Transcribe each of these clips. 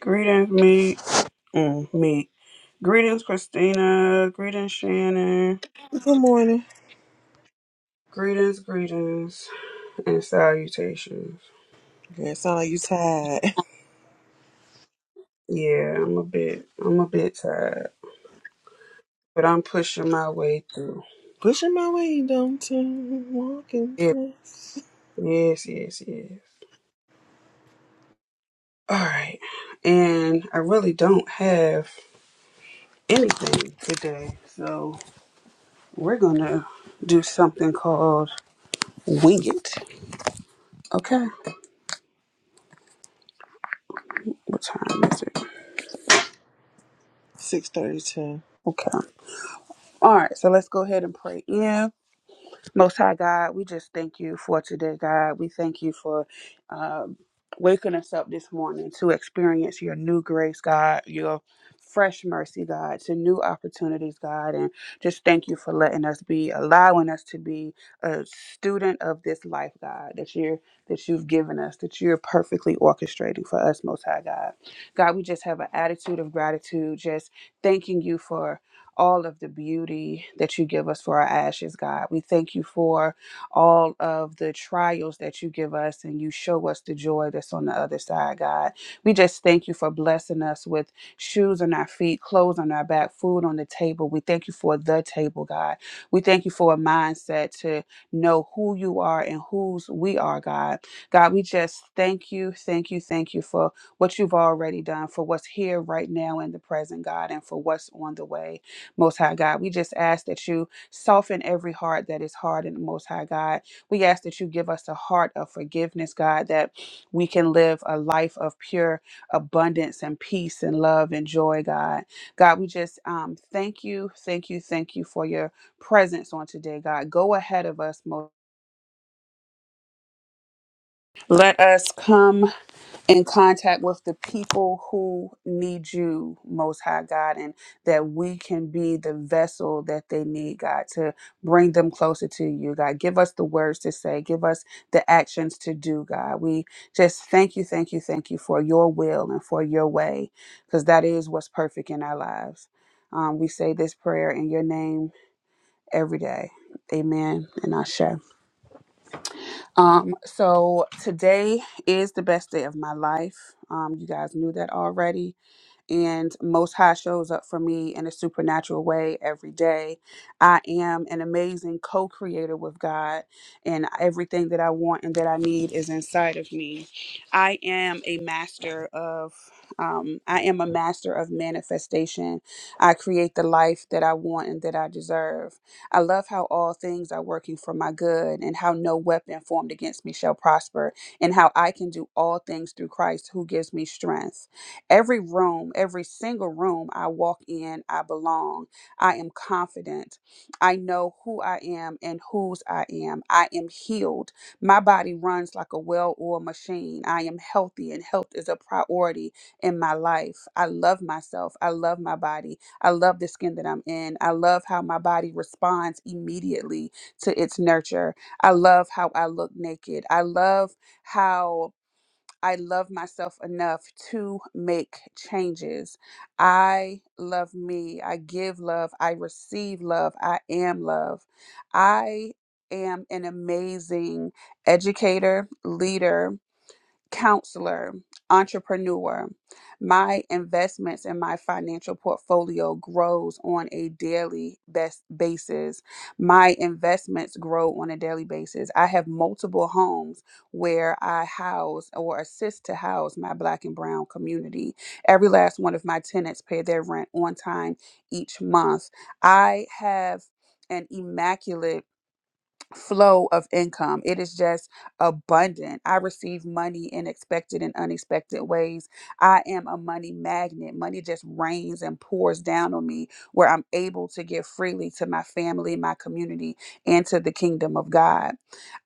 Greetings, me. Mm, me. Greetings, Christina. Greetings, Shannon. Good morning. Greetings, greetings, and salutations. Girl, it sound like you tired. Yeah, I'm a bit, I'm a bit tired, but I'm pushing my way through. Pushing my way downtown, walking Yes, fast. yes, yes, yes. All right, and I really don't have anything today, so we're gonna do something called wing it. Okay, what time is it? 632. Okay. All right, so let's go ahead and pray in. Most High God, we just thank you for today, God. We thank you for um, waking us up this morning to experience your new grace, God, your fresh mercy, God, to new opportunities, God. And just thank you for letting us be, allowing us to be a student of this life, God, that you're that you've given us, that you're perfectly orchestrating for us, Most High God. God, we just have an attitude of gratitude, just thanking you for all of the beauty that you give us for our ashes, God. We thank you for all of the trials that you give us and you show us the joy that's on the other side, God. We just thank you for blessing us with shoes on our feet, clothes on our back, food on the table. We thank you for the table, God. We thank you for a mindset to know who you are and whose we are, God. God, we just thank you, thank you, thank you for what you've already done, for what's here right now in the present, God, and for what's on the way. Most High God, we just ask that you soften every heart that is hard in the Most High God. We ask that you give us a heart of forgiveness, God, that we can live a life of pure abundance and peace and love and joy, God. God, we just um, thank you, thank you, thank you for your presence on today, God. Go ahead of us, Most. Let us come. in contact with the people who need you most high god and that we can be the vessel that they need god to bring them closer to you god give us the words to say give us the actions to do god we just thank you thank you thank you for your will and for your way because that is what's perfect in our lives um, we say this prayer in your name every day amen and ashe um, so today is the best day of my life. Um, you guys knew that already and most high shows up for me in a supernatural way every day i am an amazing co-creator with god and everything that i want and that i need is inside of me i am a master of um, i am a master of manifestation i create the life that i want and that i deserve i love how all things are working for my good and how no weapon formed against me shall prosper and how i can do all things through christ who gives me strength Every room, every single room I walk in, I belong. I am confident. I know who I am and whose I am. I am healed. My body runs like a well oiled machine. I am healthy, and health is a priority in my life. I love myself. I love my body. I love the skin that I'm in. I love how my body responds immediately to its nurture. I love how I look naked. I love how. I love myself enough to make changes. I love me. I give love. I receive love. I am love. I am an amazing educator, leader, counselor, entrepreneur. My investments and my financial portfolio grows on a daily best basis. My investments grow on a daily basis. I have multiple homes where I house or assist to house my black and brown community. Every last one of my tenants pay their rent on time each month. I have an immaculate flow of income. It is just abundant. I receive money in expected and unexpected ways. I am a money magnet. Money just rains and pours down on me where I'm able to give freely to my family, my community, and to the kingdom of God.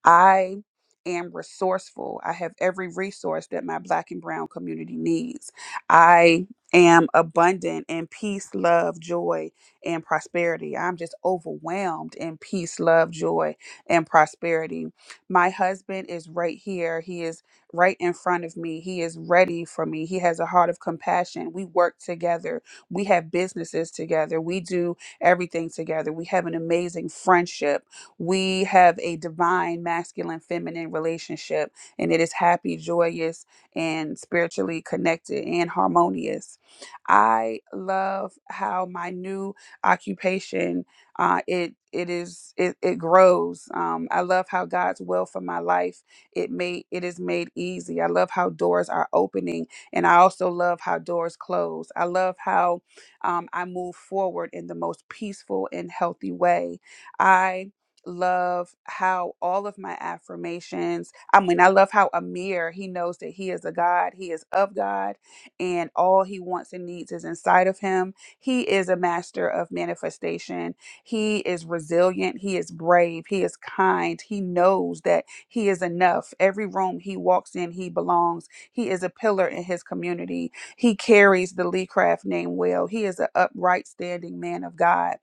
I am resourceful. I have every resource that my black and brown community needs. I am abundant in peace, love, joy, and prosperity. I'm just overwhelmed in peace, love, joy, and prosperity. My husband is right here. He is right in front of me. He is ready for me. He has a heart of compassion. We work together. We have businesses together. We do everything together. We have an amazing friendship we have a divine masculine feminine relationship, and it is happy, joyous, and spiritually connected and harmonious. I love how my new occupation uh, it it is it, it grows. Um, I love how God's will for my life it made it is made easy. I love how doors are opening, and I also love how doors close. I love how um, I move forward in the most peaceful and healthy way. I love how all of my affirmations, I mean, I love how Amir, he knows that he is a God, he is of God, and all he wants and needs is inside of him. He is a master of manifestation. He is resilient, he is brave, he is kind. He knows that he is enough. Every room he walks in, he belongs. He is a pillar in his community. He carries the Lee Craft name well. He is an upright standing man of God.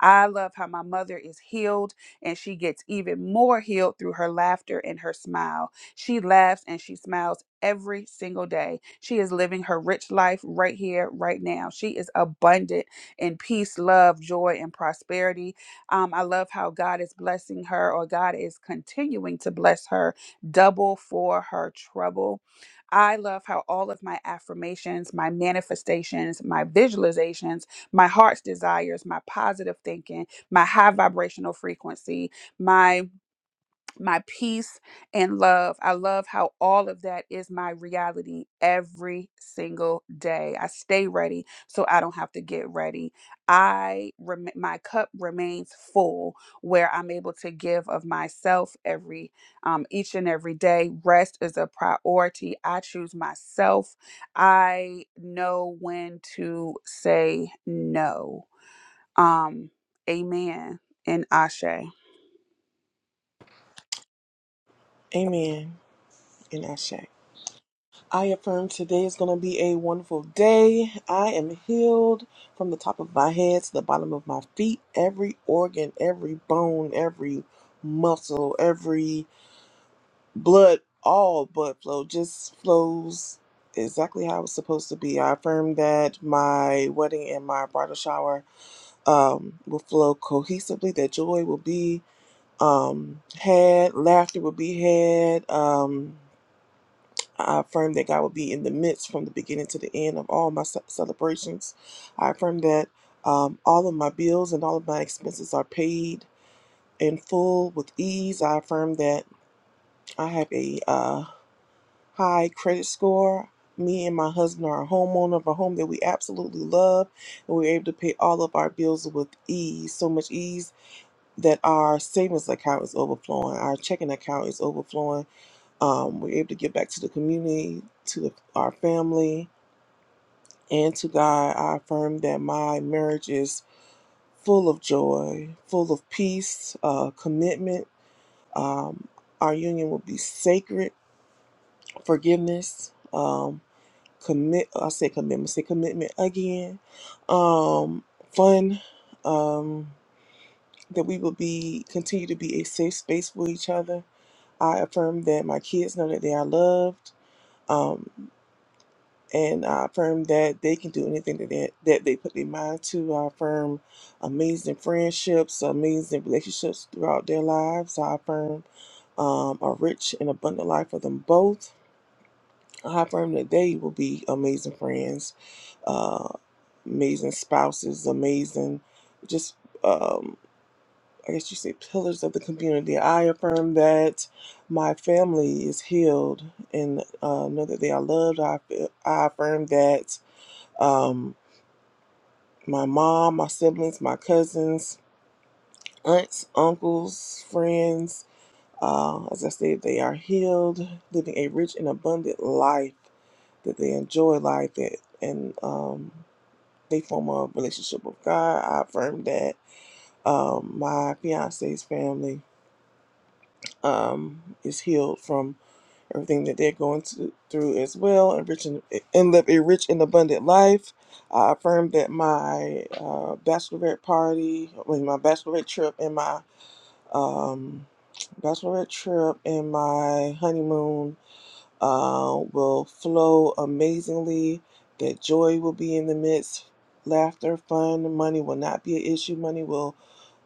I love how my mother is healed and she gets even more healed through her laughter and her smile. She laughs and she smiles every single day. She is living her rich life right here, right now. She is abundant in peace, love, joy, and prosperity. Um, I love how God is blessing her, or God is continuing to bless her double for her trouble. I love how all of my affirmations, my manifestations, my visualizations, my heart's desires, my positive thinking, my high vibrational frequency, my my peace and love. I love how all of that is my reality every single day. I stay ready so I don't have to get ready. I rem- my cup remains full where I'm able to give of myself every um each and every day. Rest is a priority. I choose myself. I know when to say no. Um, amen and Ashe. Amen. And Ashe. I affirm today is going to be a wonderful day. I am healed from the top of my head to the bottom of my feet. Every organ, every bone, every muscle, every blood, all blood flow just flows exactly how it's supposed to be. I affirm that my wedding and my bridal shower um, will flow cohesively, that joy will be um, had, laughter will be had. Um, I affirm that God will be in the midst from the beginning to the end of all my ce- celebrations. I affirm that um, all of my bills and all of my expenses are paid in full with ease. I affirm that I have a uh, high credit score. Me and my husband are a homeowner of a home that we absolutely love, and we're able to pay all of our bills with ease. So much ease that our savings account is overflowing, our checking account is overflowing. Um, we're able to give back to the community, to the, our family, and to God. I affirm that my marriage is full of joy, full of peace, uh, commitment. Um, our union will be sacred, forgiveness, um, commit. I say commitment. Say commitment again. Um, fun. Um, that we will be continue to be a safe space for each other I affirm that my kids know that they are loved, um, and I affirm that they can do anything that they, that they put their mind to. I affirm amazing friendships, amazing relationships throughout their lives. I affirm um, a rich and abundant life for them both. I affirm that they will be amazing friends, uh, amazing spouses, amazing just. um, I guess you say pillars of the community. I affirm that my family is healed and uh, know that they are loved. I, I affirm that um, my mom, my siblings, my cousins, aunts, uncles, friends, uh, as I stated, they are healed, living a rich and abundant life, that they enjoy life that, and um, they form a relationship with God. I affirm that um, my fiance's family um, is healed from everything that they're going to, through as well, and, rich in, and live a rich and abundant life. I affirm that my uh, bachelorette party, I mean, my bachelorette trip, and my um, bachelorette trip and my honeymoon uh, will flow amazingly. That joy will be in the midst, laughter, fun, money will not be an issue. Money will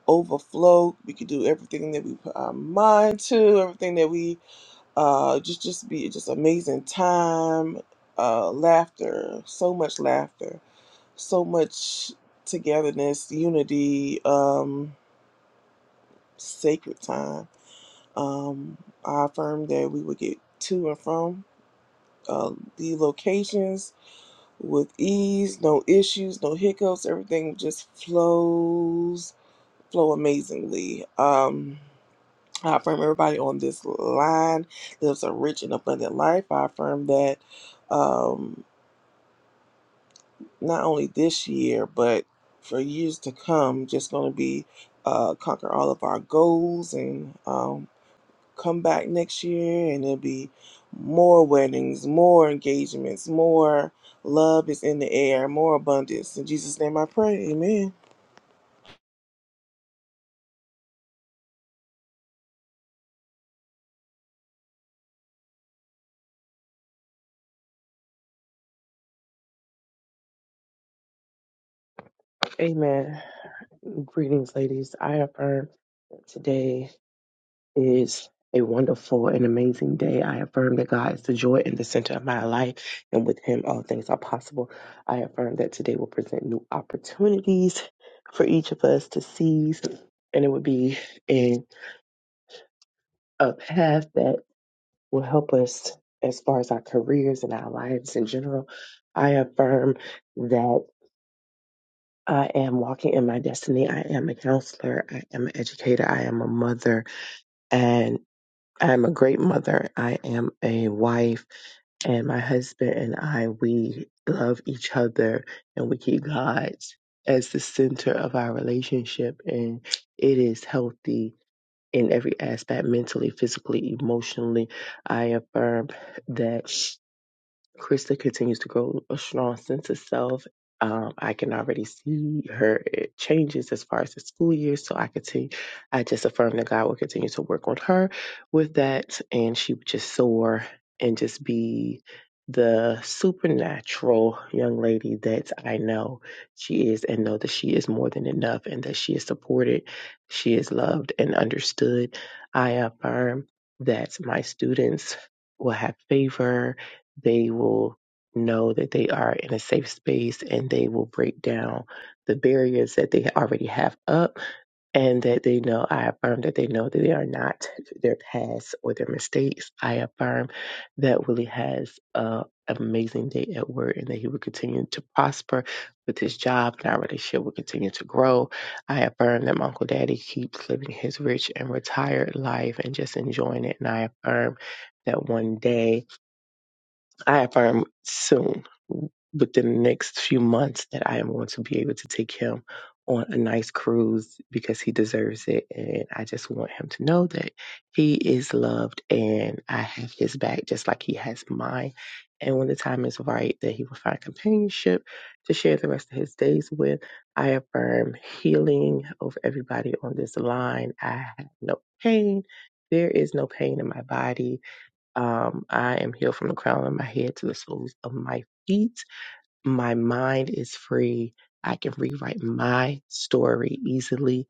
overflow. We can do everything that we put our mind to, everything that we uh just just be just amazing time uh laughter so much laughter so much togetherness unity um sacred time um i affirmed that we would get to and from uh the locations with ease no issues no hiccups everything just flows flow amazingly um I affirm everybody on this line lives a rich and abundant life. I affirm that um, not only this year, but for years to come, just going to be uh, conquer all of our goals and um, come back next year, and there'll be more weddings, more engagements, more love is in the air, more abundance. In Jesus' name, I pray. Amen. Amen. Greetings, ladies. I affirm that today is a wonderful and amazing day. I affirm that God is the joy in the center of my life, and with Him, all things are possible. I affirm that today will present new opportunities for each of us to seize, and it would be in a path that will help us as far as our careers and our lives in general. I affirm that. I am walking in my destiny. I am a counselor. I am an educator. I am a mother. And I am a great mother. I am a wife. And my husband and I, we love each other and we keep God as the center of our relationship. And it is healthy in every aspect mentally, physically, emotionally. I affirm that. Krista continues to grow a strong sense of self. Um, I can already see her it changes as far as the school year. So I continue, I just affirm that God will continue to work on her with that, and she would just soar and just be the supernatural young lady that I know she is, and know that she is more than enough, and that she is supported, she is loved and understood. I affirm that my students will have favor they will know that they are in a safe space and they will break down the barriers that they already have up and that they know I affirm that they know that they are not their past or their mistakes. I affirm that Willie has an amazing day at work and that he will continue to prosper with his job and our relationship will continue to grow. I affirm that my Uncle Daddy keeps living his rich and retired life and just enjoying it and I affirm that one day I affirm soon, within the next few months, that I am going to be able to take him on a nice cruise because he deserves it. And I just want him to know that he is loved and I have his back just like he has mine. And when the time is right, that he will find companionship to share the rest of his days with. I affirm healing over everybody on this line. I have no pain. There is no pain in my body um, I am healed from the crown of my head to the soles of my feet. My mind is free. I can rewrite my story easily.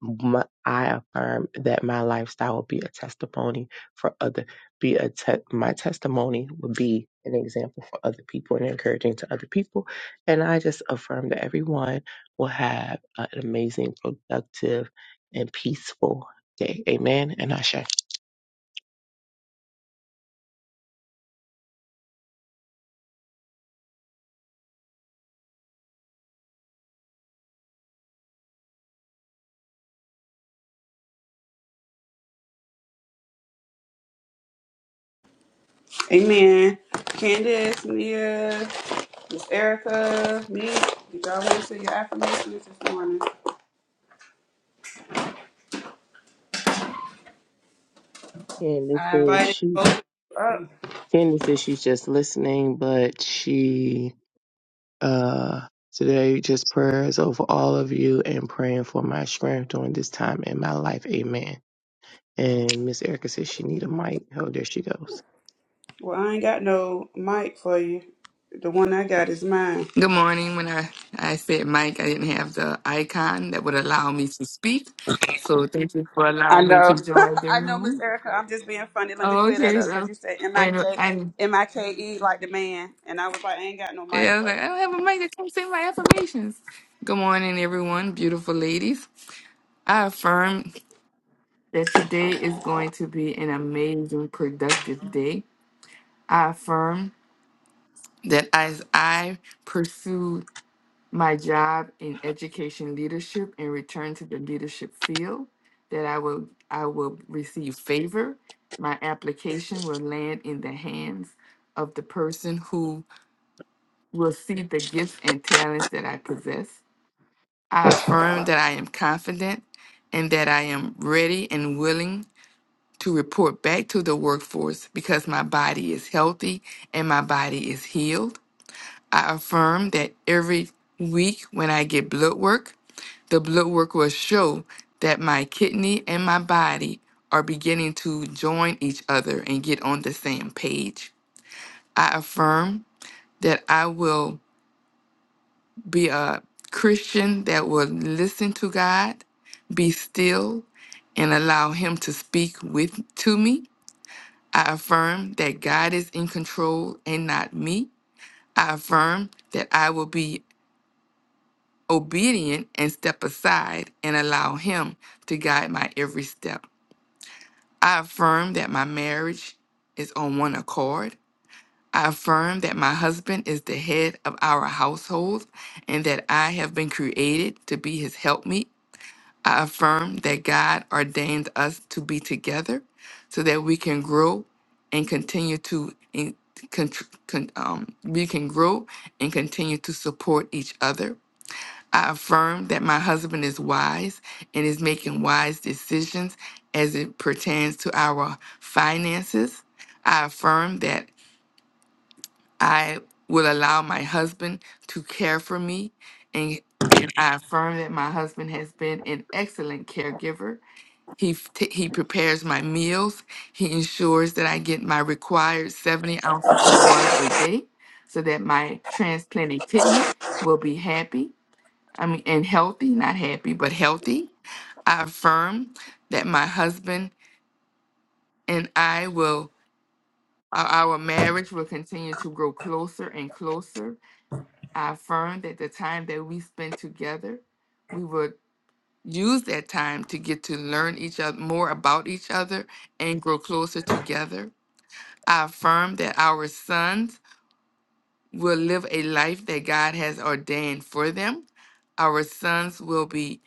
My, I affirm that my lifestyle will be a testimony for other. Be a te- my testimony will be an example for other people and encouraging to other people. And I just affirm that everyone will have an amazing, productive, and peaceful day. Amen. And I Amen. Candace, Nia, Miss Erica, me, did y'all want to say your affirmations this morning? And this I is invited she. both of you up. Candy says she's just listening, but she uh today just prayers over all of you and praying for my strength during this time in my life. Amen. And Miss Erica says she need a mic. Oh, there she goes. Well, I ain't got no mic for you. The one I got is mine. Good morning. When I, I said mic, I didn't have the icon that would allow me to speak. So thank you for I allowing me to know. join the I know, Miss room. Erica. I'm just being funny. Let me Oh, clear that okay. up because So, you said M I and, K and M I K E like the man. And I was like, I ain't got no yeah, mic I was for like, you. I don't have a mic that can't say my affirmations. Good morning, everyone. Beautiful ladies. I affirm that today is going to be an amazing, productive day. I affirm that as I pursue my job in education leadership and return to the leadership field that i will i will receive favor my application will land in the hands of the person who will see the gifts and talents that i possess i affirm that i am confident and that i am ready and willing to report back to the workforce because my body is healthy and my body is healed i affirm that every week when i get blood work the blood work will show that my kidney and my body are beginning to join each other and get on the same page. I affirm that I will be a Christian that will listen to God, be still, and allow Him to speak with to me. I affirm that God is in control and not me. I affirm that I will be obedient and step aside and allow Him to guide my every step. I affirm that my marriage is on one accord. I affirm that my husband is the head of our household and that I have been created to be his helpmeet. I affirm that God ordained us to be together so that we can grow and continue to in, con, con- um, we can grow and continue to support each other. I affirm that my husband is wise and is making wise decisions as it pertains to our finances. I affirm that I will allow my husband to care for me and and I affirm that my husband has been an excellent caregiver. He f- t- he prepares my meals. He ensures that I get my required 70 ounces of water a day so that my transplanted kidney will be happy. I mean, and healthy, not happy, but healthy. I affirm that my husband and I will, our our marriage will continue to grow closer and closer. I affirm that the time that we spend together, we will use that time to get to learn each other more about each other and grow closer together. I affirm that our sons will live a life that God has ordained for them. Our sons will be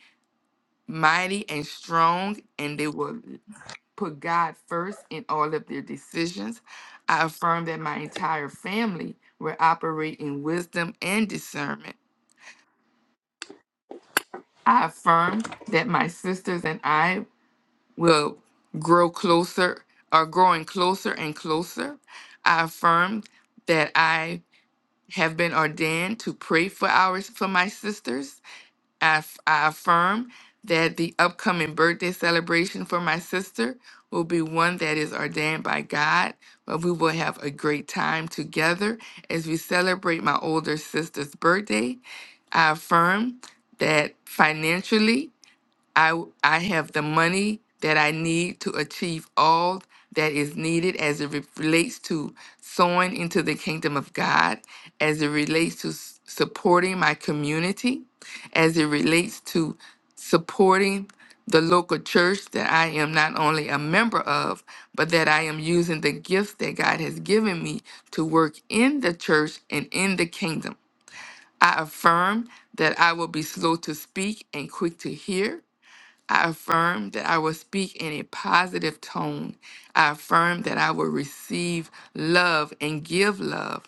mighty and strong, and they will put God first in all of their decisions. I affirm that my entire family will operate in wisdom and discernment. I affirm that my sisters and I will grow closer, are growing closer and closer. I affirm that I have been ordained to pray for ours for my sisters. I, f- I affirm that the upcoming birthday celebration for my sister will be one that is ordained by God, but we will have a great time together as we celebrate my older sister's birthday. I affirm that financially, I, I have the money that I need to achieve all that is needed as it re- relates to sowing into the kingdom of God, as it relates to s- supporting my community, as it relates to supporting the local church that I am not only a member of, but that I am using the gifts that God has given me to work in the church and in the kingdom. I affirm that I will be slow to speak and quick to hear. I affirm that I will speak in a positive tone. I affirm that I will receive love and give love.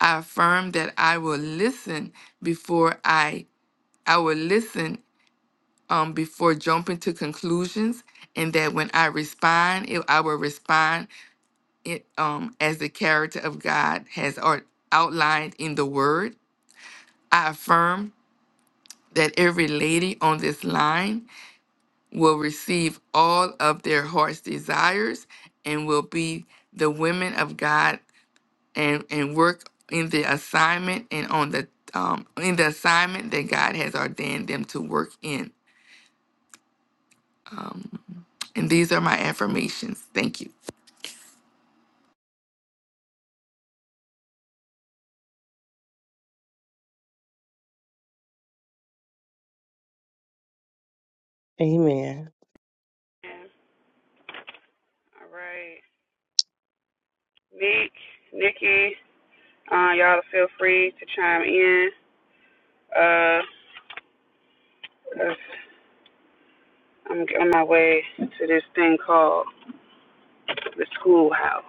I affirm that I will listen before I I will listen um before jumping to conclusions and that when I respond, it, I will respond it, um as the character of God has art, outlined in the word. I affirm that every lady on this line will receive all of their heart's desires and will be the women of God and, and work in the assignment and on the um, in the assignment that God has ordained them to work in. And these are my affirmations. Thank you. Amen. Yeah. All right. Nick, Nikki. Uh, y'all feel free to chime in. Uh, 'cause I'm on my way to this thing called the schoolhouse.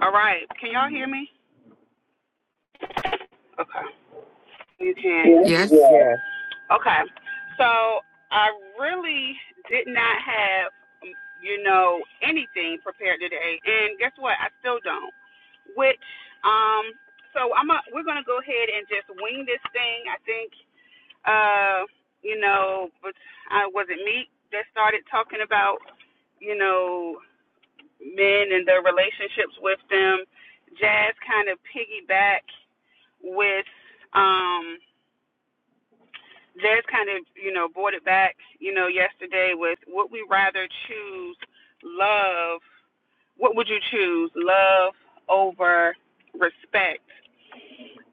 All right, can y'all hear me? Okay, you can. Yeah. Yes, Yeah. Okay, so I really did not have, you know, anything prepared today, and guess what? I still don't. Which, um, so I'm a, we're gonna go ahead and just wing this thing. I think Uh, you know, but I was it Meek that started talking about, you know, men and their relationships with them. Jazz kind of piggyback with um Jazz kind of, you know, brought it back, you know, yesterday with would we rather choose love what would you choose? Love over respect.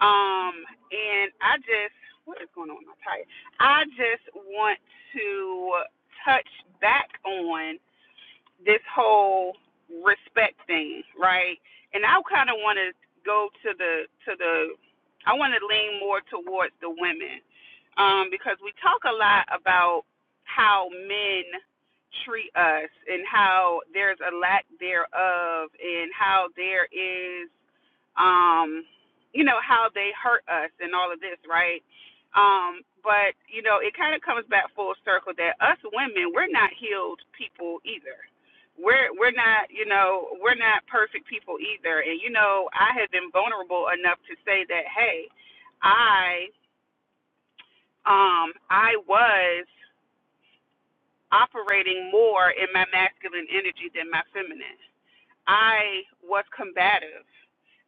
Um, and I just, what is going on with my tire? I just want to touch back on this whole respect thing, right? And I kind of want to go to the to the. I want to lean more towards the women um, because we talk a lot about how men treat us and how there's a lack thereof and how there is um you know how they hurt us and all of this right um but you know it kind of comes back full circle that us women we're not healed people either we're we're not you know we're not perfect people either and you know i have been vulnerable enough to say that hey I um, I was operating more in my masculine energy than my feminine. I was combative.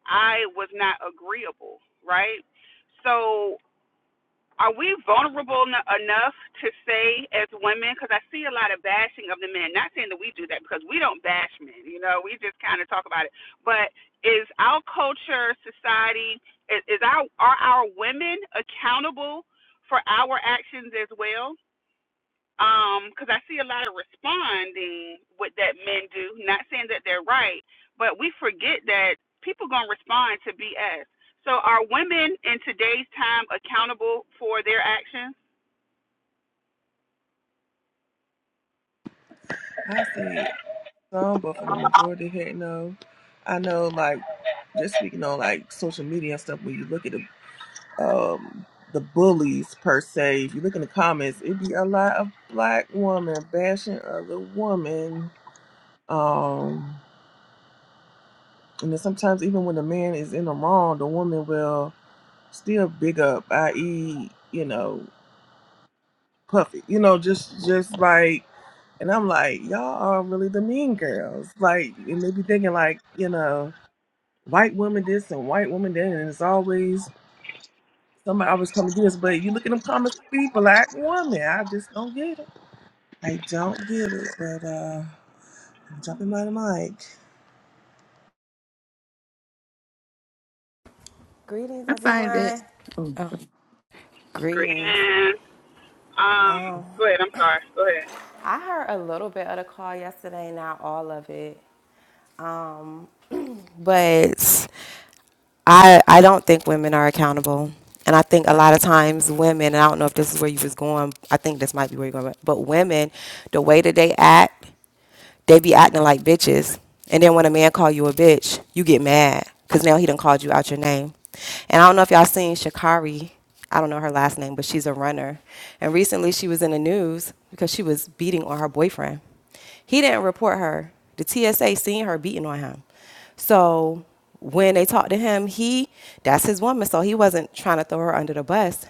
I was not agreeable, right? So, are we vulnerable n- enough to say as women? Because I see a lot of bashing of the men. Not saying that we do that because we don't bash men, you know, we just kind of talk about it. But is our culture, society, is, is our are our women accountable for our actions as well? because I see a lot of responding with that men do. Not saying that they're right, but we forget that people gonna respond to BS. So are women in today's time accountable for their actions? I see some, but for the majority here, no. I know, like. just speaking on like social media and stuff, when you look at the um the bullies per se, if you look in the comments, it'd be a lot of black women bashing other women. Um and then sometimes even when the man is in the wrong, the woman will still big up, i.e., you know, puffy. You know, just just like and I'm like, y'all are really the mean girls. Like, and they be thinking like, you know, white woman this and white woman that, and it's always Somebody always come to this, but you look at them comments, it be black woman. I just don't get it. I don't get it, but uh, I'm dropping by the mic. Greetings, I find that. everyone. oh. Oh, Great. greetings. And, um, Um, go ahead. I'm sorry. Go ahead. I heard a little bit of the call yesterday, not all of it. Um, but I I don't think women are accountable, and I think a lot of times women. And I don't know if this is where you was going. I think this might be where you're going. But women, the way that they act, they be acting like bitches. And then when a man call you a bitch, you get mad because now he done called you out your name. And I don't know if y'all seen Shakari. I don't know her last name, but she's a runner. And recently she was in the news because she was beating on her boyfriend. He didn't report her. The TSA seen her beating on him. So when they talked to him, he that's his woman, so he wasn't trying to throw her under the bus.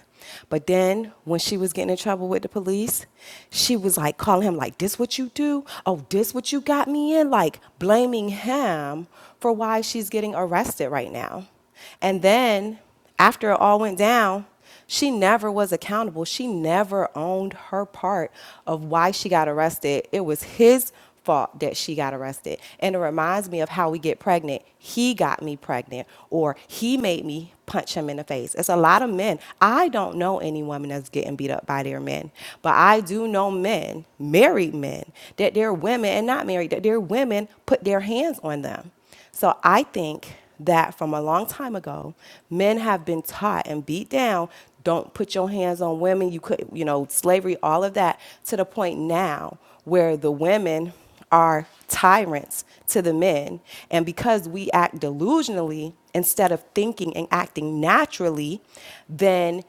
But then when she was getting in trouble with the police, she was like calling him like this what you do? Oh, this what you got me in? Like blaming him for why she's getting arrested right now. And then after it all went down, she never was accountable. She never owned her part of why she got arrested. It was his fault that she got arrested. And it reminds me of how we get pregnant. He got me pregnant, or he made me punch him in the face. It's a lot of men. I don't know any woman that's getting beat up by their men, but I do know men, married men, that their women, and not married, that their women put their hands on them. So I think that from a long time ago, men have been taught and beat down, don't put your hands on women, you could, you know, slavery, all of that, to the point now where the women are tyrants to the men. And because we act delusionally instead of thinking and acting naturally, then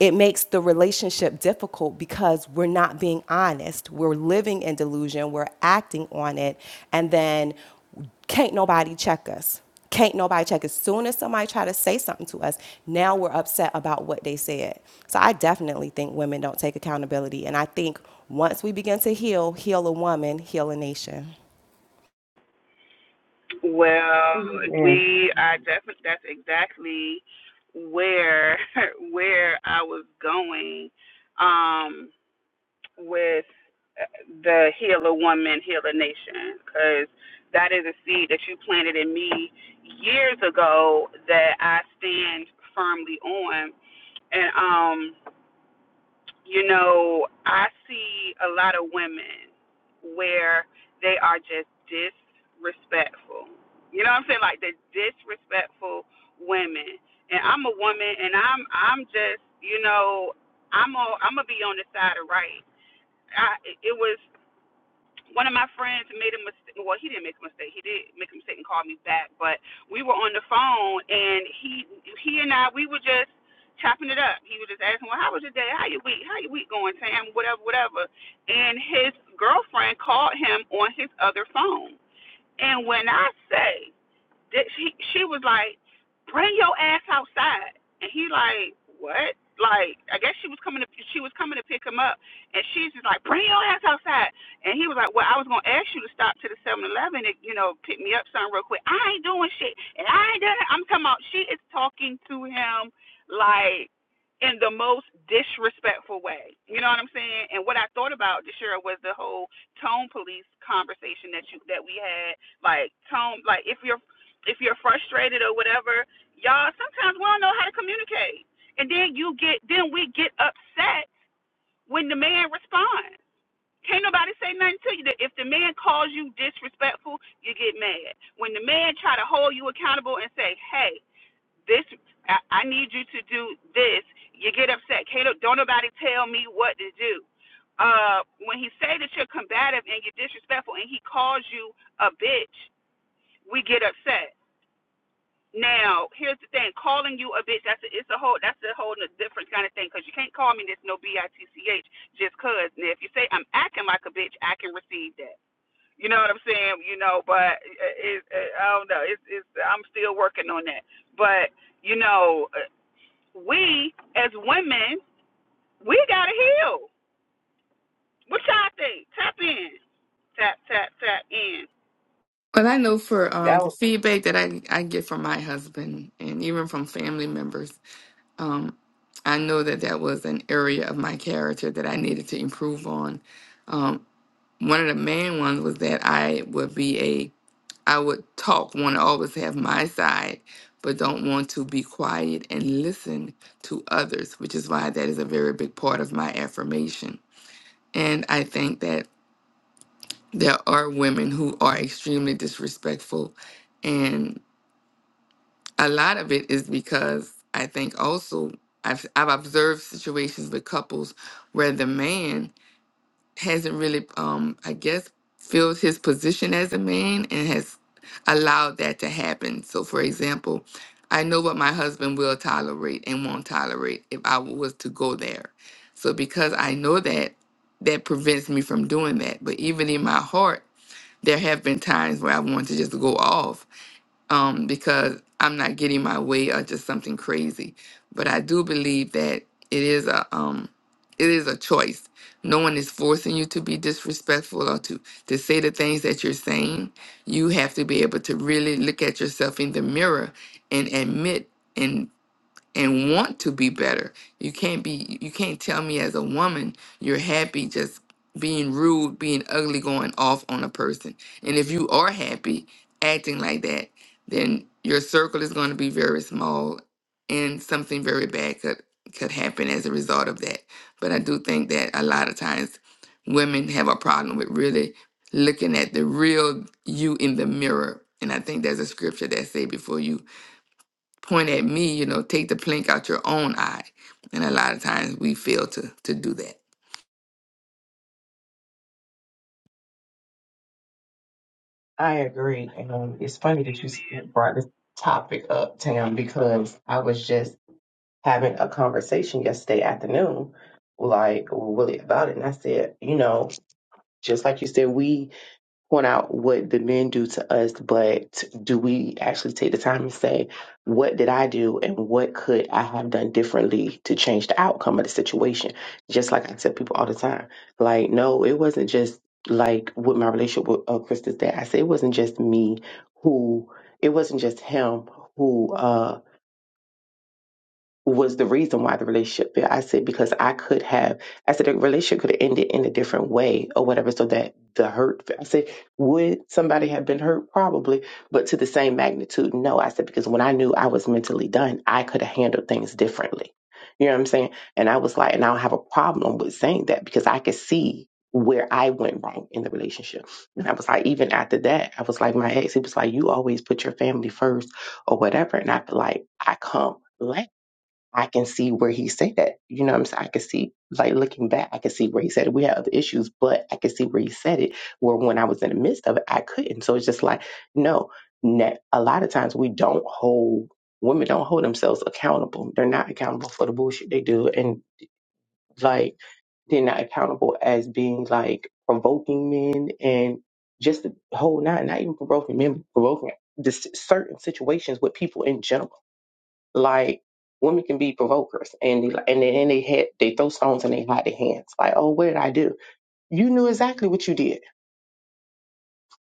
it makes the relationship difficult because we're not being honest. We're living in delusion, we're acting on it, and then can't nobody check us. Can't nobody check. As soon as somebody try to say something to us, now we're upset about what they said. So I definitely think women don't take accountability. And I think once we begin to heal, heal a woman, heal a nation. Well, Amen. we are definitely. That's exactly where where I was going. Um. with uh, the Healer Woman, Healer Nation, because that is a seed that you planted in me years ago that I stand firmly on. And, um, you know, I see a lot of women where they are just disrespectful. You know what I'm saying? Like the disrespectful women. And I'm a woman, and I'm I'm just you know I'm i I'm gonna be on the side of right. I it was one of my friends made a mistake. Well, he didn't make a mistake. He did make a mistake and call me back, but we were on the phone, and he he and I we were just chopping it up. He was just asking, "Well, how was your day? How your week? How your week going, Sam? Whatever, whatever." And his girlfriend called him on his other phone, and when I say she she was like, bring your ass outside, and he like, what? Like, I guess she was coming to she was coming to pick him up, and she's just like, bring your ass outside, and he was like, well, I was gonna ask you to stop to the Seven Eleven and you know pick me up something real quick. I ain't doing shit, and I ain't done it. I'm talking about she is talking to him like in the most disrespectful way. You know what I'm saying? And what I thought about Deshira was the whole tone police conversation that you that we had. Like tone, like if you're if you're frustrated or whatever, y'all sometimes we don't know how to communicate. And then you get then we get upset when the man responds. Can't nobody say nothing to you. If the man calls you disrespectful, you get mad. When the man try to hold you accountable and say, "Hey, this I, I need you to do this," you get upset. Can't no- don't nobody tell me what to do. Uh, when he say that you're combative and you're disrespectful, and he calls you a bitch, we get upset now, here's the thing: calling you a bitch that's a, it's a whole that's a whole different kind of thing because you can't call me this no b i t c h just cause. Now, if you say I'm acting like a bitch, I can receive that. You know what I'm saying? You know, but it, it, I don't know. It's it's I'm still working on that. But you know, uh, we as women, we gotta heal. What y'all think? Tap in. Tap tap tap in. Well, I know for um, I, the feedback that I, I get from my husband and even from family members, um, I know that that was an area of my character that I needed to improve on. um. one of the main ones was that I would be a I would talk, want to always have my side, but don't want to be quiet and listen to others, which is why that is a very big part of my affirmation. And I think that there are women who are extremely disrespectful, and a lot of it is because I think also I've I've observed situations with couples where the man hasn't really, um, I guess, filled his position as a man and has allowed that to happen. So, for example, I know what my husband will tolerate and won't tolerate if I was to go there. So, because I know that, that prevents me from doing that. But even in my heart, there have been times where I want to just go off um, because I'm not getting my way or just something crazy. But I do believe that it is a um, it is a choice. No one is forcing you to be disrespectful or to to say the things that you're saying. You have to be able to really look at yourself in the mirror and admit and want to be better. You can't be you can't tell me as a woman you're happy just being rude, being ugly, going off on a person. And if you are happy acting like that, then your circle is going to be very small and something very bad could could happen as a result of that. But I do think that a lot of times women have a problem with really looking at the real you in the mirror. And I think there's a scripture that say before you point at me, you know, take the plank out your own eye. And a lot of times we fail to to do that. I agree. And um, it's funny that you brought this topic up, Tam, because I was just having a conversation yesterday afternoon, like really about it. And I said, you know, just like you said, we point out what the men do to us, but do we actually take the time and say, what did I do and what could I have done differently to change the outcome of the situation? Just like I tell people all the time, like, no, it wasn't just like with my relationship with uh, Krista that I said, it wasn't just me who, it wasn't just him who, uh, was the reason why the relationship failed. I said because I could have, I said the relationship could have ended in a different way or whatever, so that the hurt. I said, would somebody have been hurt? Probably, but to the same magnitude, no. I said because when I knew I was mentally done, I could have handled things differently. You know what I'm saying? And I was like, and I don't have a problem with saying that because I could see where I went wrong in the relationship. And I was like, even after that, I was like, my ex, he was like, you always put your family first or whatever, and I feel like I come last I can see where he said that. You know what I'm saying? I can see, like looking back, I can see where he said it. We had other issues, but I can see where he said it. Where when I was in the midst of it, I couldn't. So it's just like, no, ne- a lot of times we don't hold, women don't hold themselves accountable. They're not accountable for the bullshit they do. And like, they're not accountable as being like provoking men and just the whole, not, not even provoking men, provoking just certain situations with people in general like women can be provokers, and they, and then they had they throw stones and they hide their hands. Like, oh, what did I do? You knew exactly what you did,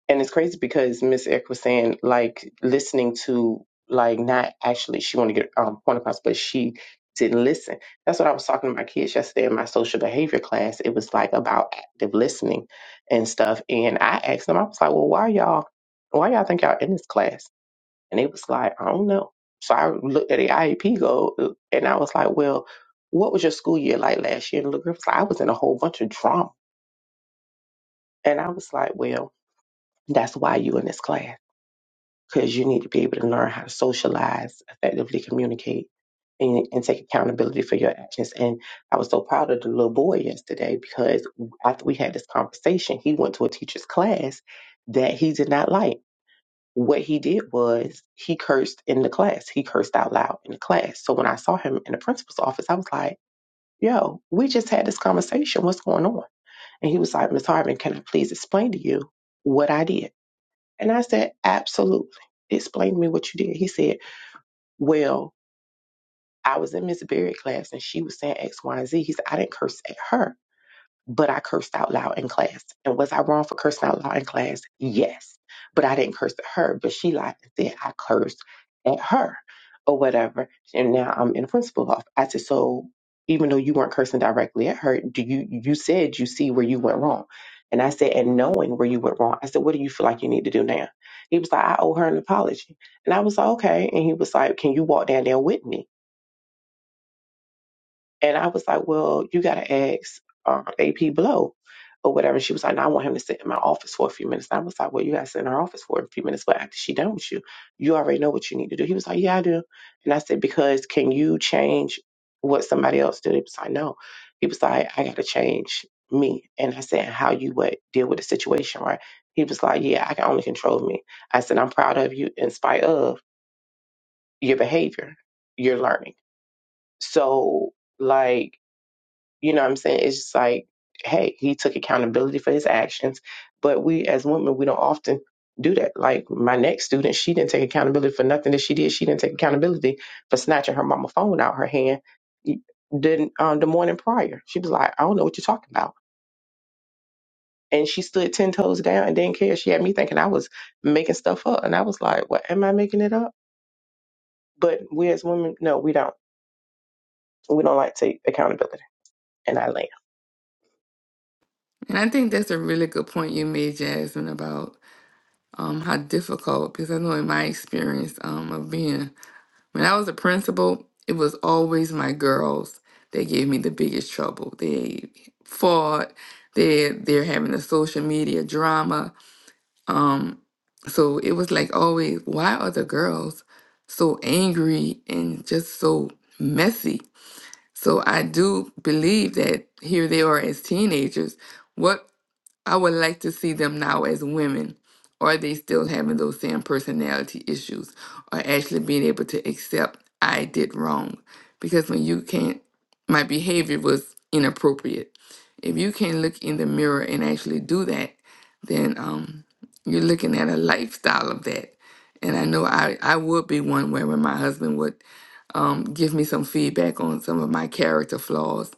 and it's crazy because Miss Eck was saying like listening to like not actually she wanted to get um point across, but she didn't listen. That's what I was talking to my kids yesterday in my social behavior class. It was like about active listening and stuff, and I asked them, I was like, well, why y'all why y'all think y'all in this class? And it was like, I don't know. So I looked at the IEP goal uh, and I was like, well, what was your school year like last year? And the girl was like, I was in a whole bunch of drama. And I was like, well, that's why you in this class because you need to be able to learn how to socialize, effectively communicate, and, and take accountability for your actions. And I was so proud of the little boy yesterday because after we had this conversation, he went to a teacher's class that he did not like What he did was he cursed in the class. He cursed out loud in the class. So when I saw him in the principal's office, I was like, yo, we just had this conversation. What's going on? And he was like, Miss Harvin, can I please explain to you what I did? And I said, absolutely. Explain to me what you did. He said, well, I was in Miss Berry's class and she was saying X, Y, and Z. He said, I didn't curse at her. but I cursed out loud in class. And was I wrong for cursing out loud in class? Yes. But I didn't curse at her, but she lied and said I cursed at her or whatever. And now I'm in the principal office. I said, so even though you weren't cursing directly at her, do you you said you see where you went wrong? And I said, and knowing where you went wrong, I said, what do you feel like you need to do now? He was like, I owe her an apology. And I was like, okay. And he was like, can you walk down there with me? And I was like, well, you got to ask um, AP Blow or whatever. And she was like, no, I want him to sit in my office for a few minutes. And I was like, well, you got to sit in her office for a few minutes. But after she done with you, you already know what you need to do. He was like, yeah, I do. And I said, because can you change what somebody else did? He was like, no. He was like, I got to change me. And I said, how you would deal with the situation, right? He was like, yeah, I can only control me. I said, I'm proud of you in spite of your behavior, your learning. So, like, you know what I'm saying? It's just like, hey, he took accountability for his actions. But we as women, we don't often do that. Like my next student, she didn't take accountability for nothing that she did. She didn't take accountability for snatching her mama phone out her hand didn't um, the morning prior. She was like, I don't know what you're talking about. And she stood ten toes down and didn't care. She had me thinking I was making stuff up. And I was like, What am I making it up? But we as women, no, we don't. We don't like to take accountability. And I land. And I think that's a really good point you made, Jasmine, about um, how difficult, because I know in my experience um, of being, when I was a principal, it was always my girls that gave me the biggest trouble. They fought, they, they're having a social media drama. Um, so it was like always, why are the girls so angry and just so messy? So I do believe that here they are as teenagers. What I would like to see them now as women. Are they still having those same personality issues or actually being able to accept I did wrong? Because when you can't, my behavior was inappropriate. If you can't look in the mirror and actually do that, then um, you're looking at a lifestyle of that. And I know I, I would be one where when my husband would um, give me some feedback on some of my character flaws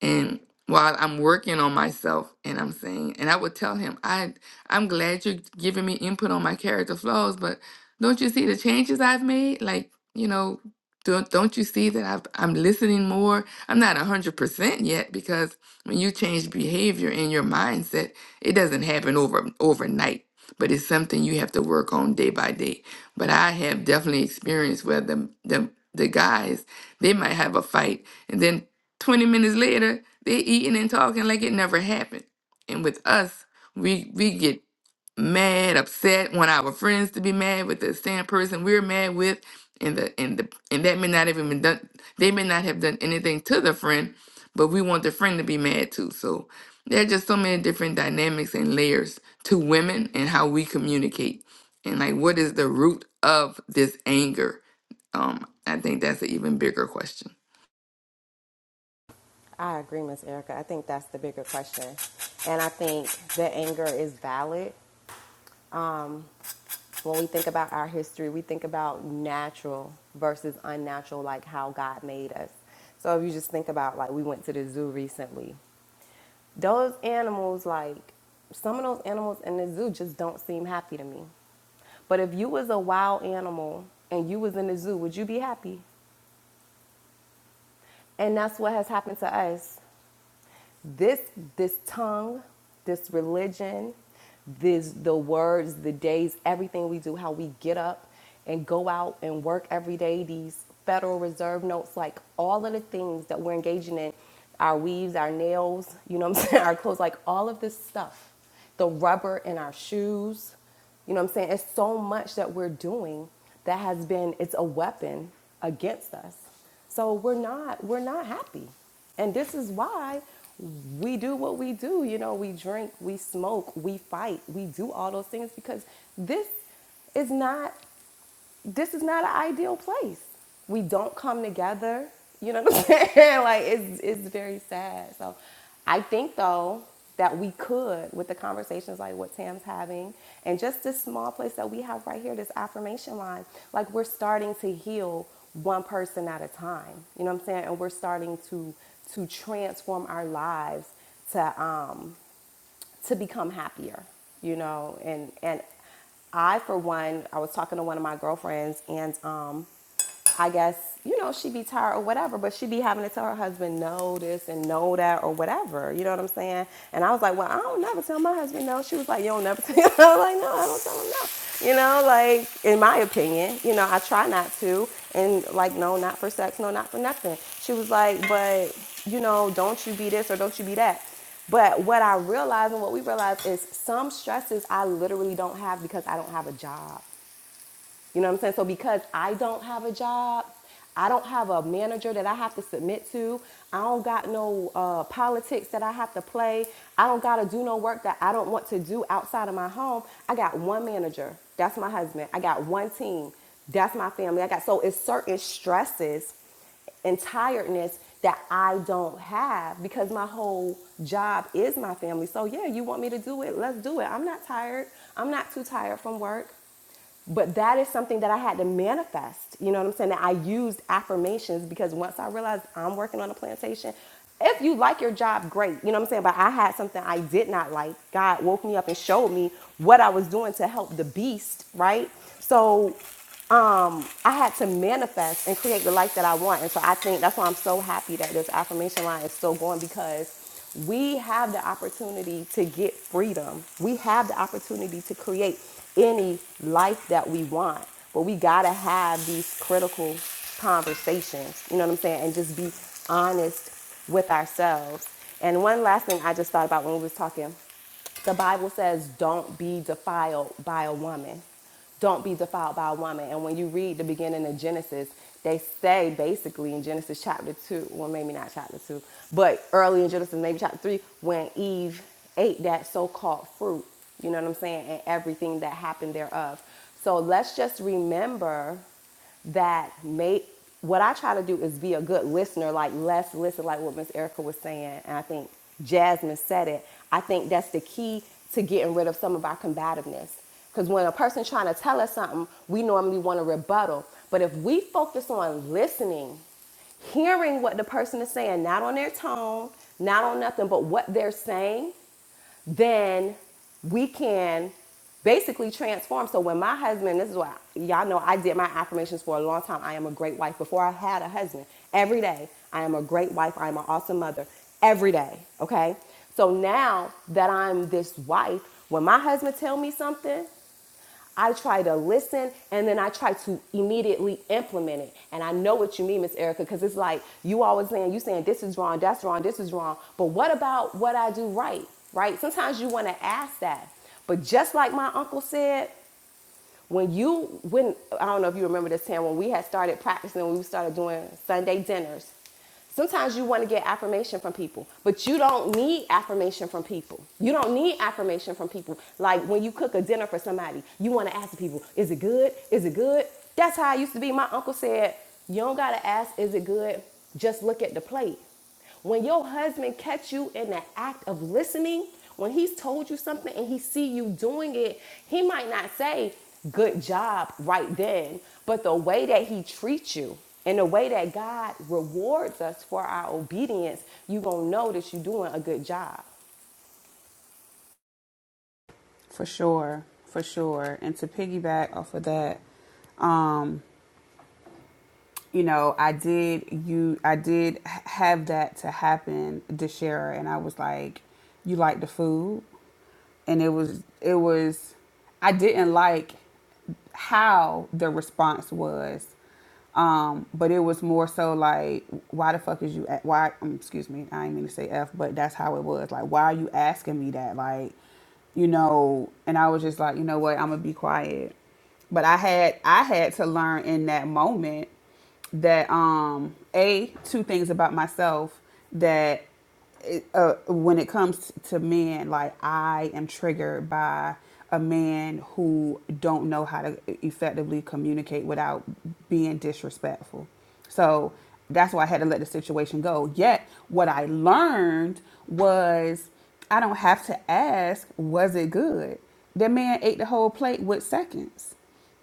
and while I'm working on myself and I'm saying and I would tell him I I'm glad you're giving me input on my character flaws but don't you see the changes I've made like you know don't don't you see that I've, I'm listening more I'm not 100% yet because when you change behavior and your mindset it doesn't happen over overnight but it's something you have to work on day by day but I have definitely experienced where the the the guys they might have a fight and then 20 minutes later, they're eating and talking like it never happened. And with us, we we get mad, upset, want our friends to be mad with the same person we're mad with, and the and the and that may not even been done they may not have done anything to the friend, but we want the friend to be mad too. So there are just so many different dynamics and layers to women and how we communicate. And like what is the root of this anger? Um, I think that's an even bigger question. I agree, Miss Erica. I think that's the bigger question. And I think the anger is valid. Um, when we think about our history, we think about natural versus unnatural, like how God made us. So if you just think about, like, we went to the zoo recently Those animals, like some of those animals in the zoo, just don't seem happy to me. But if you was a wild animal and you was in the zoo, would you be happy? And that's what has happened to us this this tongue this religion this the words the days everything we do how we get up and go out and work every day these federal reserve notes like all of the things that we're engaging in our weaves our nails you know what i'm saying our clothes like all of this stuff the rubber in our shoes you know what i'm saying it's so much that we're doing that has been it's a weapon against us so we're not we're not happy. And this is why we do what we do. You know, we drink, we smoke, we fight, we do all those things because this is not this is not an ideal place. We don't come together. You know what I'm saying? like it's it's very sad. So I think though that we could with the conversations like what Tam's having and just this small place that we have right here, this affirmation line, like we're starting to heal one person at a time. You know what I'm saying? And we're starting to to transform our lives to um to become happier, you know, and and I for one, I was talking to one of my girlfriends and um I guess, you know, she be tired or whatever, but she be having to tell her husband no this and no that or whatever. You know what I'm saying? And I was like, well, I don't never tell my husband no. She was like, you don't never tell him. I was like, no, I don't tell him no. You know, like in my opinion, you know, I try not to. And like, no, not for sex, no, not for nothing. She was like, but, you know, don't you be this or don't you be that. But what I realized and what we realized is some stresses I literally don't have because I don't have a job. You know what I'm saying? So because I don't have a job, I don't have a manager that I have to submit to. I don't got no uh, politics that I have to play. I don't got to do no work that I don't want to do outside of my home. I got one manager. That's my husband. I got one team. That's my family. I got so it's certain stresses and tiredness that I don't have because my whole job is my family. So yeah, you want me to do it? Let's do it. I'm not tired. I'm not too tired from work. But that is something that I had to manifest. You know what I'm saying? That I used affirmations because once I realized I'm working on a plantation, if you like your job, great. You know what I'm saying? But I had something I did not like. God woke me up and showed me what I was doing to help the beast, right? So I had to manifest and create the life that I want. And so I think that's why I'm so happy that this affirmation line is still going because we have the opportunity to get freedom. We have the opportunity to create any life that we want. But we got to have these critical conversations, you know what I'm saying? And just be honest with ourselves. And one last thing I just thought about when we was talking, the Bible says don't be defiled by a woman don't be defiled by a woman. And when you read the beginning of Genesis, they say basically in Genesis chapter 2, well, maybe not chapter 2, but early in Genesis, maybe chapter 3, when Eve ate that so called fruit, you know what I'm saying, and everything that happened thereof. So let's just remember that make what I try to do is be a good listener, like let's listen, like what Miss Erica was saying, and I think Jasmine said it. I think that's the key to getting rid of some of our combativeness. Because when a person's trying to tell us something, we normally want a rebuttal. But if we focus on listening, hearing what the person is saying, not on their tone, not on nothing, but what they're saying, then we can basically transform. So when my husband, this is why y'all know I did my affirmations for a long time. I am a great wife before I had a husband. Every day, I am a great wife. I am an awesome mother. Every day, okay? So now that I'm this wife, when my husband tell me something, I try to listen and then I try to immediately implement it. And I know what you mean, Miss Erica, because it's like you always saying, you saying this is wrong, that's wrong, this is wrong. But what about what I do right? Right? Sometimes you want to ask that. But just like my uncle said, when you when I don't know if you remember this time when we had started practicing, we started doing Sunday dinners Sometimes you want to get affirmation from people, but you don't need affirmation from people. You don't need affirmation from people. Like when you cook a dinner for somebody, you want to ask the people, is it good? Is it good? That's how I used to be. My uncle said, you don't got to ask, is it good? Just look at the plate. When your husband catch you in the act of listening, when he's told you something and he see you doing it, he might not say good job right then, but the way that he treats you and the way that God rewards us for our obedience, you going to know that you're doing a good job. For sure, for sure. And to piggyback off of that, um. you know, I did you I did have that to happen this year and I was like, You like the food? And it was it was I didn't like how the response was, um, but it was more so like, why the fuck is you? a- Why? Um, excuse me, I didn't mean to say f, but that's how it was. Like, why are you asking me that? Like, you know. And I was just like, you know what? I'm gonna be quiet. But I had I had to learn in that moment that um a two things about myself that it, uh, when it comes to men, like I am triggered by a man who don't know how to effectively communicate without being disrespectful. So that's why I had to let the situation go. Yet what I learned was I don't have to ask, was it good? The man ate the whole plate with seconds.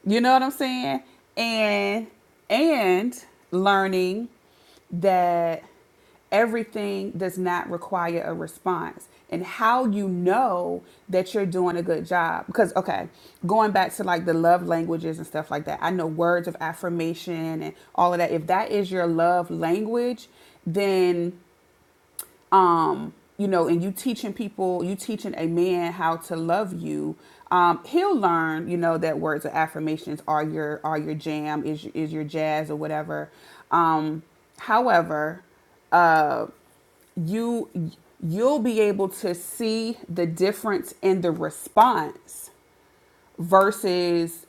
You know what I'm saying? And and learning that Everything does not require a response. And how you know that you're doing a good job. Because, okay, going back to like the love languages and stuff like that, I know words of affirmation and all of that. If that is your love language, then um, you know, and you teaching people, you teaching a man how to love you, um, he'll learn, you know, that words of affirmations are your are your jam, is is your jazz or whatever. Um, however, uh, you you'll be able to see the difference in the response versus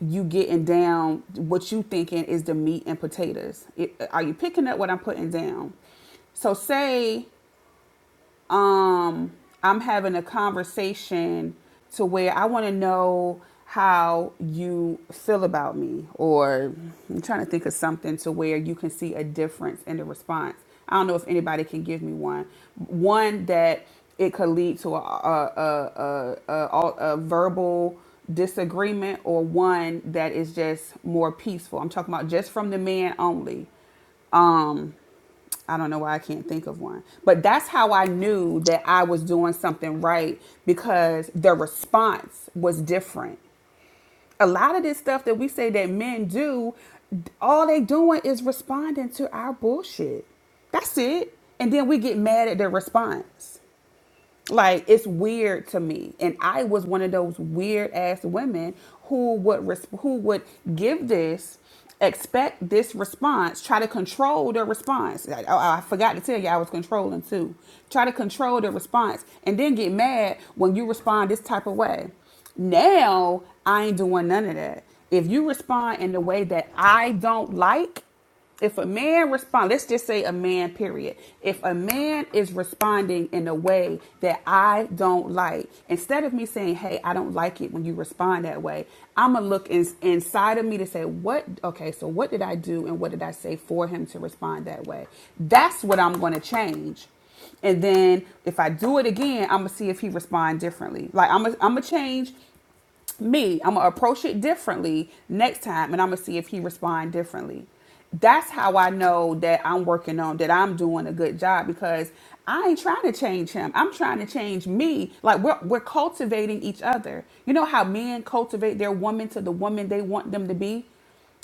you getting down what you thinking is the meat and potatoes. It, are you picking up what I'm putting down? So say um I'm having a conversation to where I want to know how you feel about me or I'm trying to think of something to where you can see a difference in the response. I don't know if anybody can give me one. One that it could lead to a a a, a, a, a verbal disagreement or one that is just more peaceful. I'm talking about just from the man only Um, I don't know why I can't think of one. But that's how I knew that I was doing something right because the response was different. A lot of this stuff that we say that men do, all they doing is responding to our bullshit. That's it. And then we get mad at their response. Like it's weird to me, and I was one of those weird ass women who would res- who would give this, expect this response, try to control the response. Like, oh, I forgot to tell you I was controlling too. Try to control the response, and then get mad when you respond this type of way. Now I ain't doing none of that. If you respond in the way that I don't like. If a man respond, let's just say a man, period. If a man is responding in a way that I don't like, instead of me saying, "Hey, I don't like it when you respond that way," I'm gonna look in, inside of me to say, "What? Okay, so what did I do and what did I say for him to respond that way?" That's what I'm gonna change. And then if I do it again, I'm gonna see if he respond differently. Like I'm I'm gonna change me i'm gonna approach it differently next time and i'm gonna see if he respond differently that's how i know that i'm working on that i'm doing a good job because i ain't trying to change him i'm trying to change me like we're, we're cultivating each other you know how men cultivate their woman to the woman they want them to be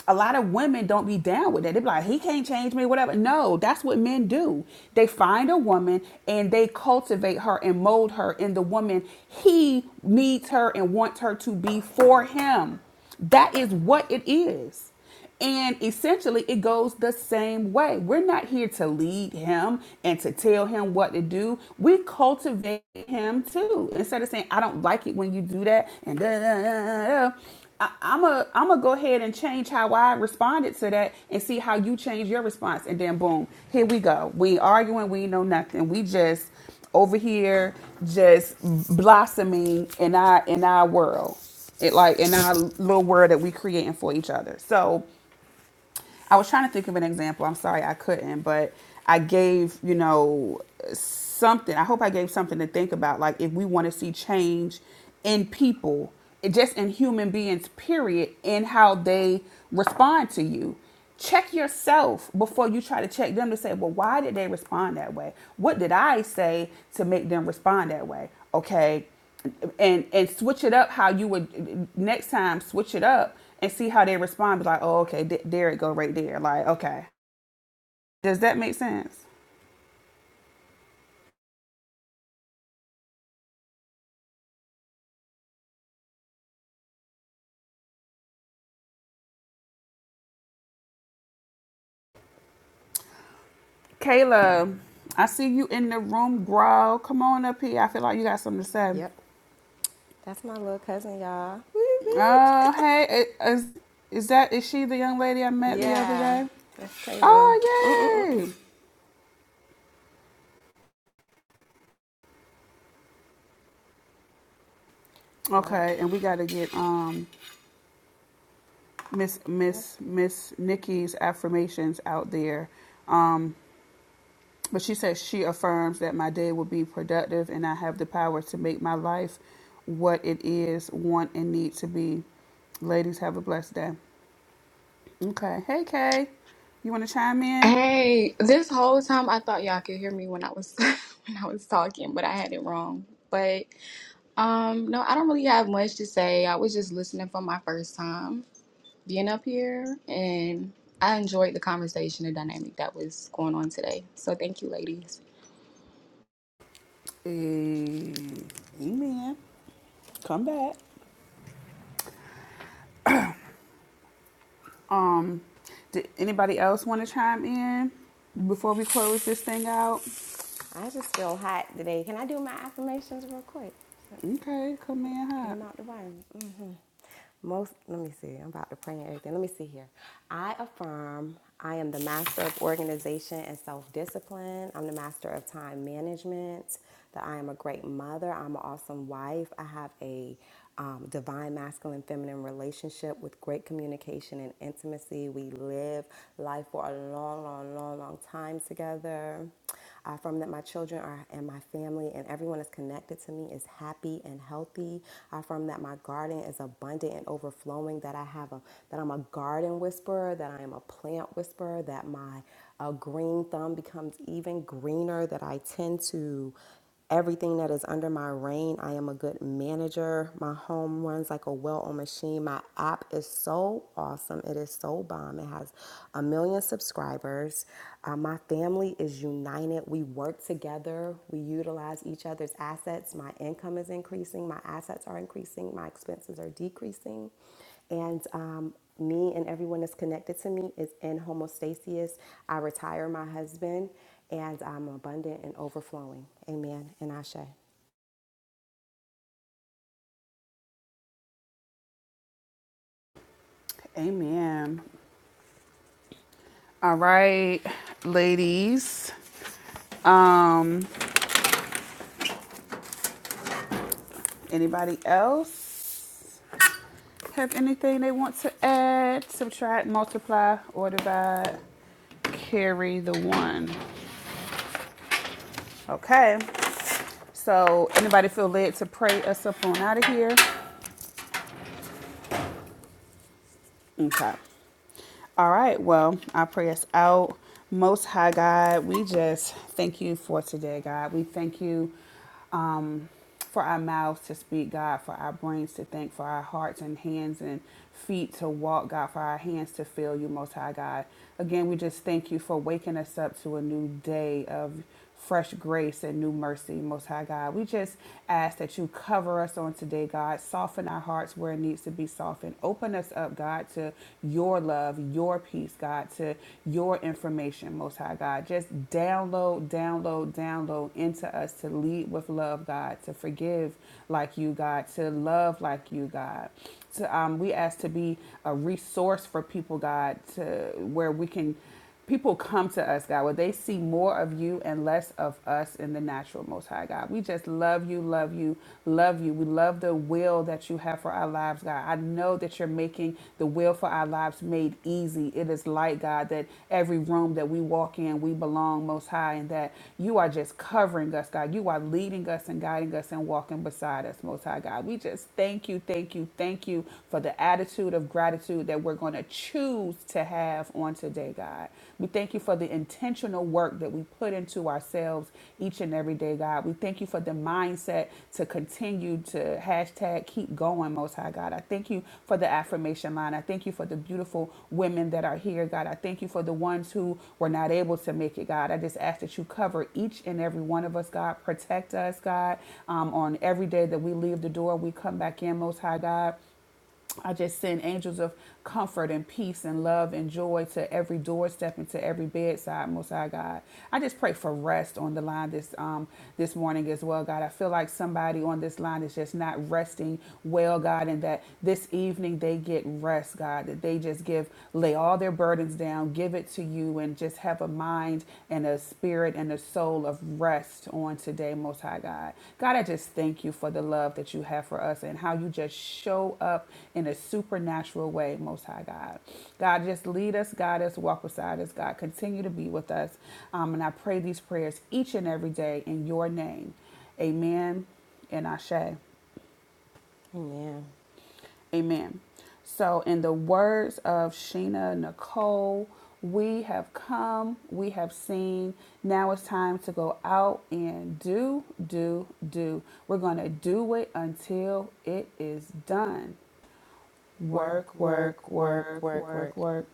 a lot of women don't be down with that. They be like, he can't change me, whatever. No, that's what men do. They find a woman and they cultivate her and mold her in the woman he needs her and wants her to be for him. That is what it is. And essentially, it goes the same way. We're not here to lead him and to tell him what to do. We cultivate him too. Instead of saying, I don't like it when you do that, and da, da, da, da, da, I, I'm a, I'm to go ahead and change how I responded to that and see how you change your response. And then, boom, here we go. We arguing, we know nothing. We just over here just blossoming in our in our world it like in our little world that we creating for each other so I was trying to think of an example. I'm sorry I couldn't, but I gave, you know, something. I hope I gave something to think about. Like, if we want to see change in people, just in human beings, period, in how they respond to you. Check yourself before you try to check them to say, well, why did they respond that way? What did I say to make them respond that way? Okay, and and switch it up how you would next time switch it up and see how they respond be like oh okay th- there it go right there like okay does that make sense kayla i see you in the room bro come on up here i feel like you got something to say Yep. That's my little cousin, y'all. Whoop, oh whoop. hey is, is that is she the young lady i met the other yeah. day That's Taylor. oh yay What? okay and we got to get um miss miss miss nikki's affirmations out there um. But she says she affirms that my day will be productive and I have the power to make my life what it is, want, and need to be. Ladies, have a blessed day. Okay. Hey, Kay. You want to chime in? Hey, this whole time I thought y'all could hear me when I was when I was talking, but I had it wrong. But um no, I don't really have much to say. I was just listening for my first time being up here and I enjoyed the conversation and dynamic that was going on today. So thank you ladies. Eh, Amen. Come back. Um, did anybody else want to chime in before we close this thing out? I just feel hot today. Can I do my affirmations real quick? So, Okay, come in Get hot. them out the way. Most, let me see, I'm about to pray and everything. Let me see here. I affirm I am the master of organization and self discipline. I'm the master of time management, that I am a great mother. I'm an awesome wife. I have a um, divine masculine feminine relationship with great communication and intimacy. We live life for a long, long, long, long time together uh, from that my children are, and my family and everyone that's connected to me is happy and healthy. Uh, from that my garden is abundant and overflowing. That I have a that I'm a garden whisperer. That I am a plant whisperer. That my uh, green thumb becomes even greener. That I tend to everything that is under my reign. I am a good manager. My home runs like a well oiled machine. My app is so awesome. It is so bomb. It has a million subscribers. Uh, my family is united. We work together. We utilize each other's assets. My income is increasing. My assets are increasing. My expenses are decreasing. And um, me and everyone that's connected to me is in homeostasis. I retire my husband and I'm abundant and overflowing. Amen. And Ashe. Amen. All right, ladies. Um, Anybody else have anything they want to add, subtract, multiply, or divide? Carry the one. Okay. So anybody feel led to pray us up on out of here? Okay. All right. Well, I pray us out. Most High God, we just thank you for today, God. We thank you um, for our mouths to speak, God, for our brains to think, for our hearts and hands and feet to walk, God, for our hands to feel you, Most High God. Again, we just thank you for waking us up to a new day of fresh grace and new mercy, Most High God. We just ask that you cover us on today, God. Soften our hearts where it needs to be softened. Open us up, God, to your love, your peace, God, to your information, Most High God. Just download, download, download into us to lead with love, God, to forgive like you, God, to love like you, God. To, um, we ask to be a resource for people, God, to where we can People come to us, God, where they see more of you and less of us in the natural, Most High God. We just love you, love you, love you. We love the will that you have for our lives, God. I know that you're making the will for our lives made easy. It is light, God, that every room that we walk in, we belong, Most High, and that you are just covering us, God. You are leading us and guiding us and walking beside us, Most High God. We just thank you, thank you, thank you for the attitude of gratitude that we're going to to choose to have on today, God. We thank you for the intentional work that we put into ourselves each and every day, God. We thank you for the mindset to continue to hashtag keep going, Most High God. I thank you for the affirmation line. I thank you for the beautiful women that are here, God. I thank you for the ones who were not able to make it, God. I just ask that you cover each and every one of us, God. Protect us, God. Um, on every day that we leave the door, we come back in, Most High God. I just send angels of comfort and peace and love and joy to every doorstep and to every bedside, Most High God. I just pray for rest on the line this um this morning as well, God. I feel like somebody on this line is just not resting well, God, and that this evening they get rest, God. That they just give lay all their burdens down, give it to you, and just have a mind mind and a spirit and a soul of rest on today, Most High God. God, I just thank you for the love that you have for us and how you just show up in a supernatural way, Most High God. God, just lead us, guide us, walk beside us, God. Continue to be with us. Um, and I pray these prayers each and every day in your name. Amen and Ashe. Amen. Amen. So, in the words of Sheena Nicole, we have come, we have seen. Now it's time to go out and do, do, do. We're going to do it until it is done. Work, Work, work, work, work, work, work, work, work. work.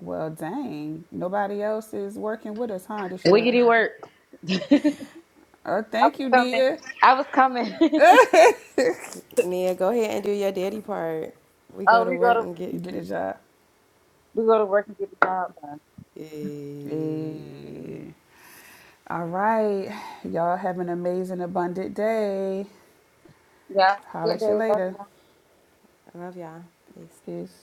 Well, dang. Nobody else is working with us, huh, DeShera? Wiggity work. Oh, I was thank you, coming. dear. I was coming. Get Nia, go ahead and do your daddy part. We go oh, to we go work to and get the. a job. we go to work and get the job done. Eh. Eh. All right. Y'all have an amazing, abundant day. Yeah. Have a Holler good at you day. Love you. later. I love y'all. Peace. Peace.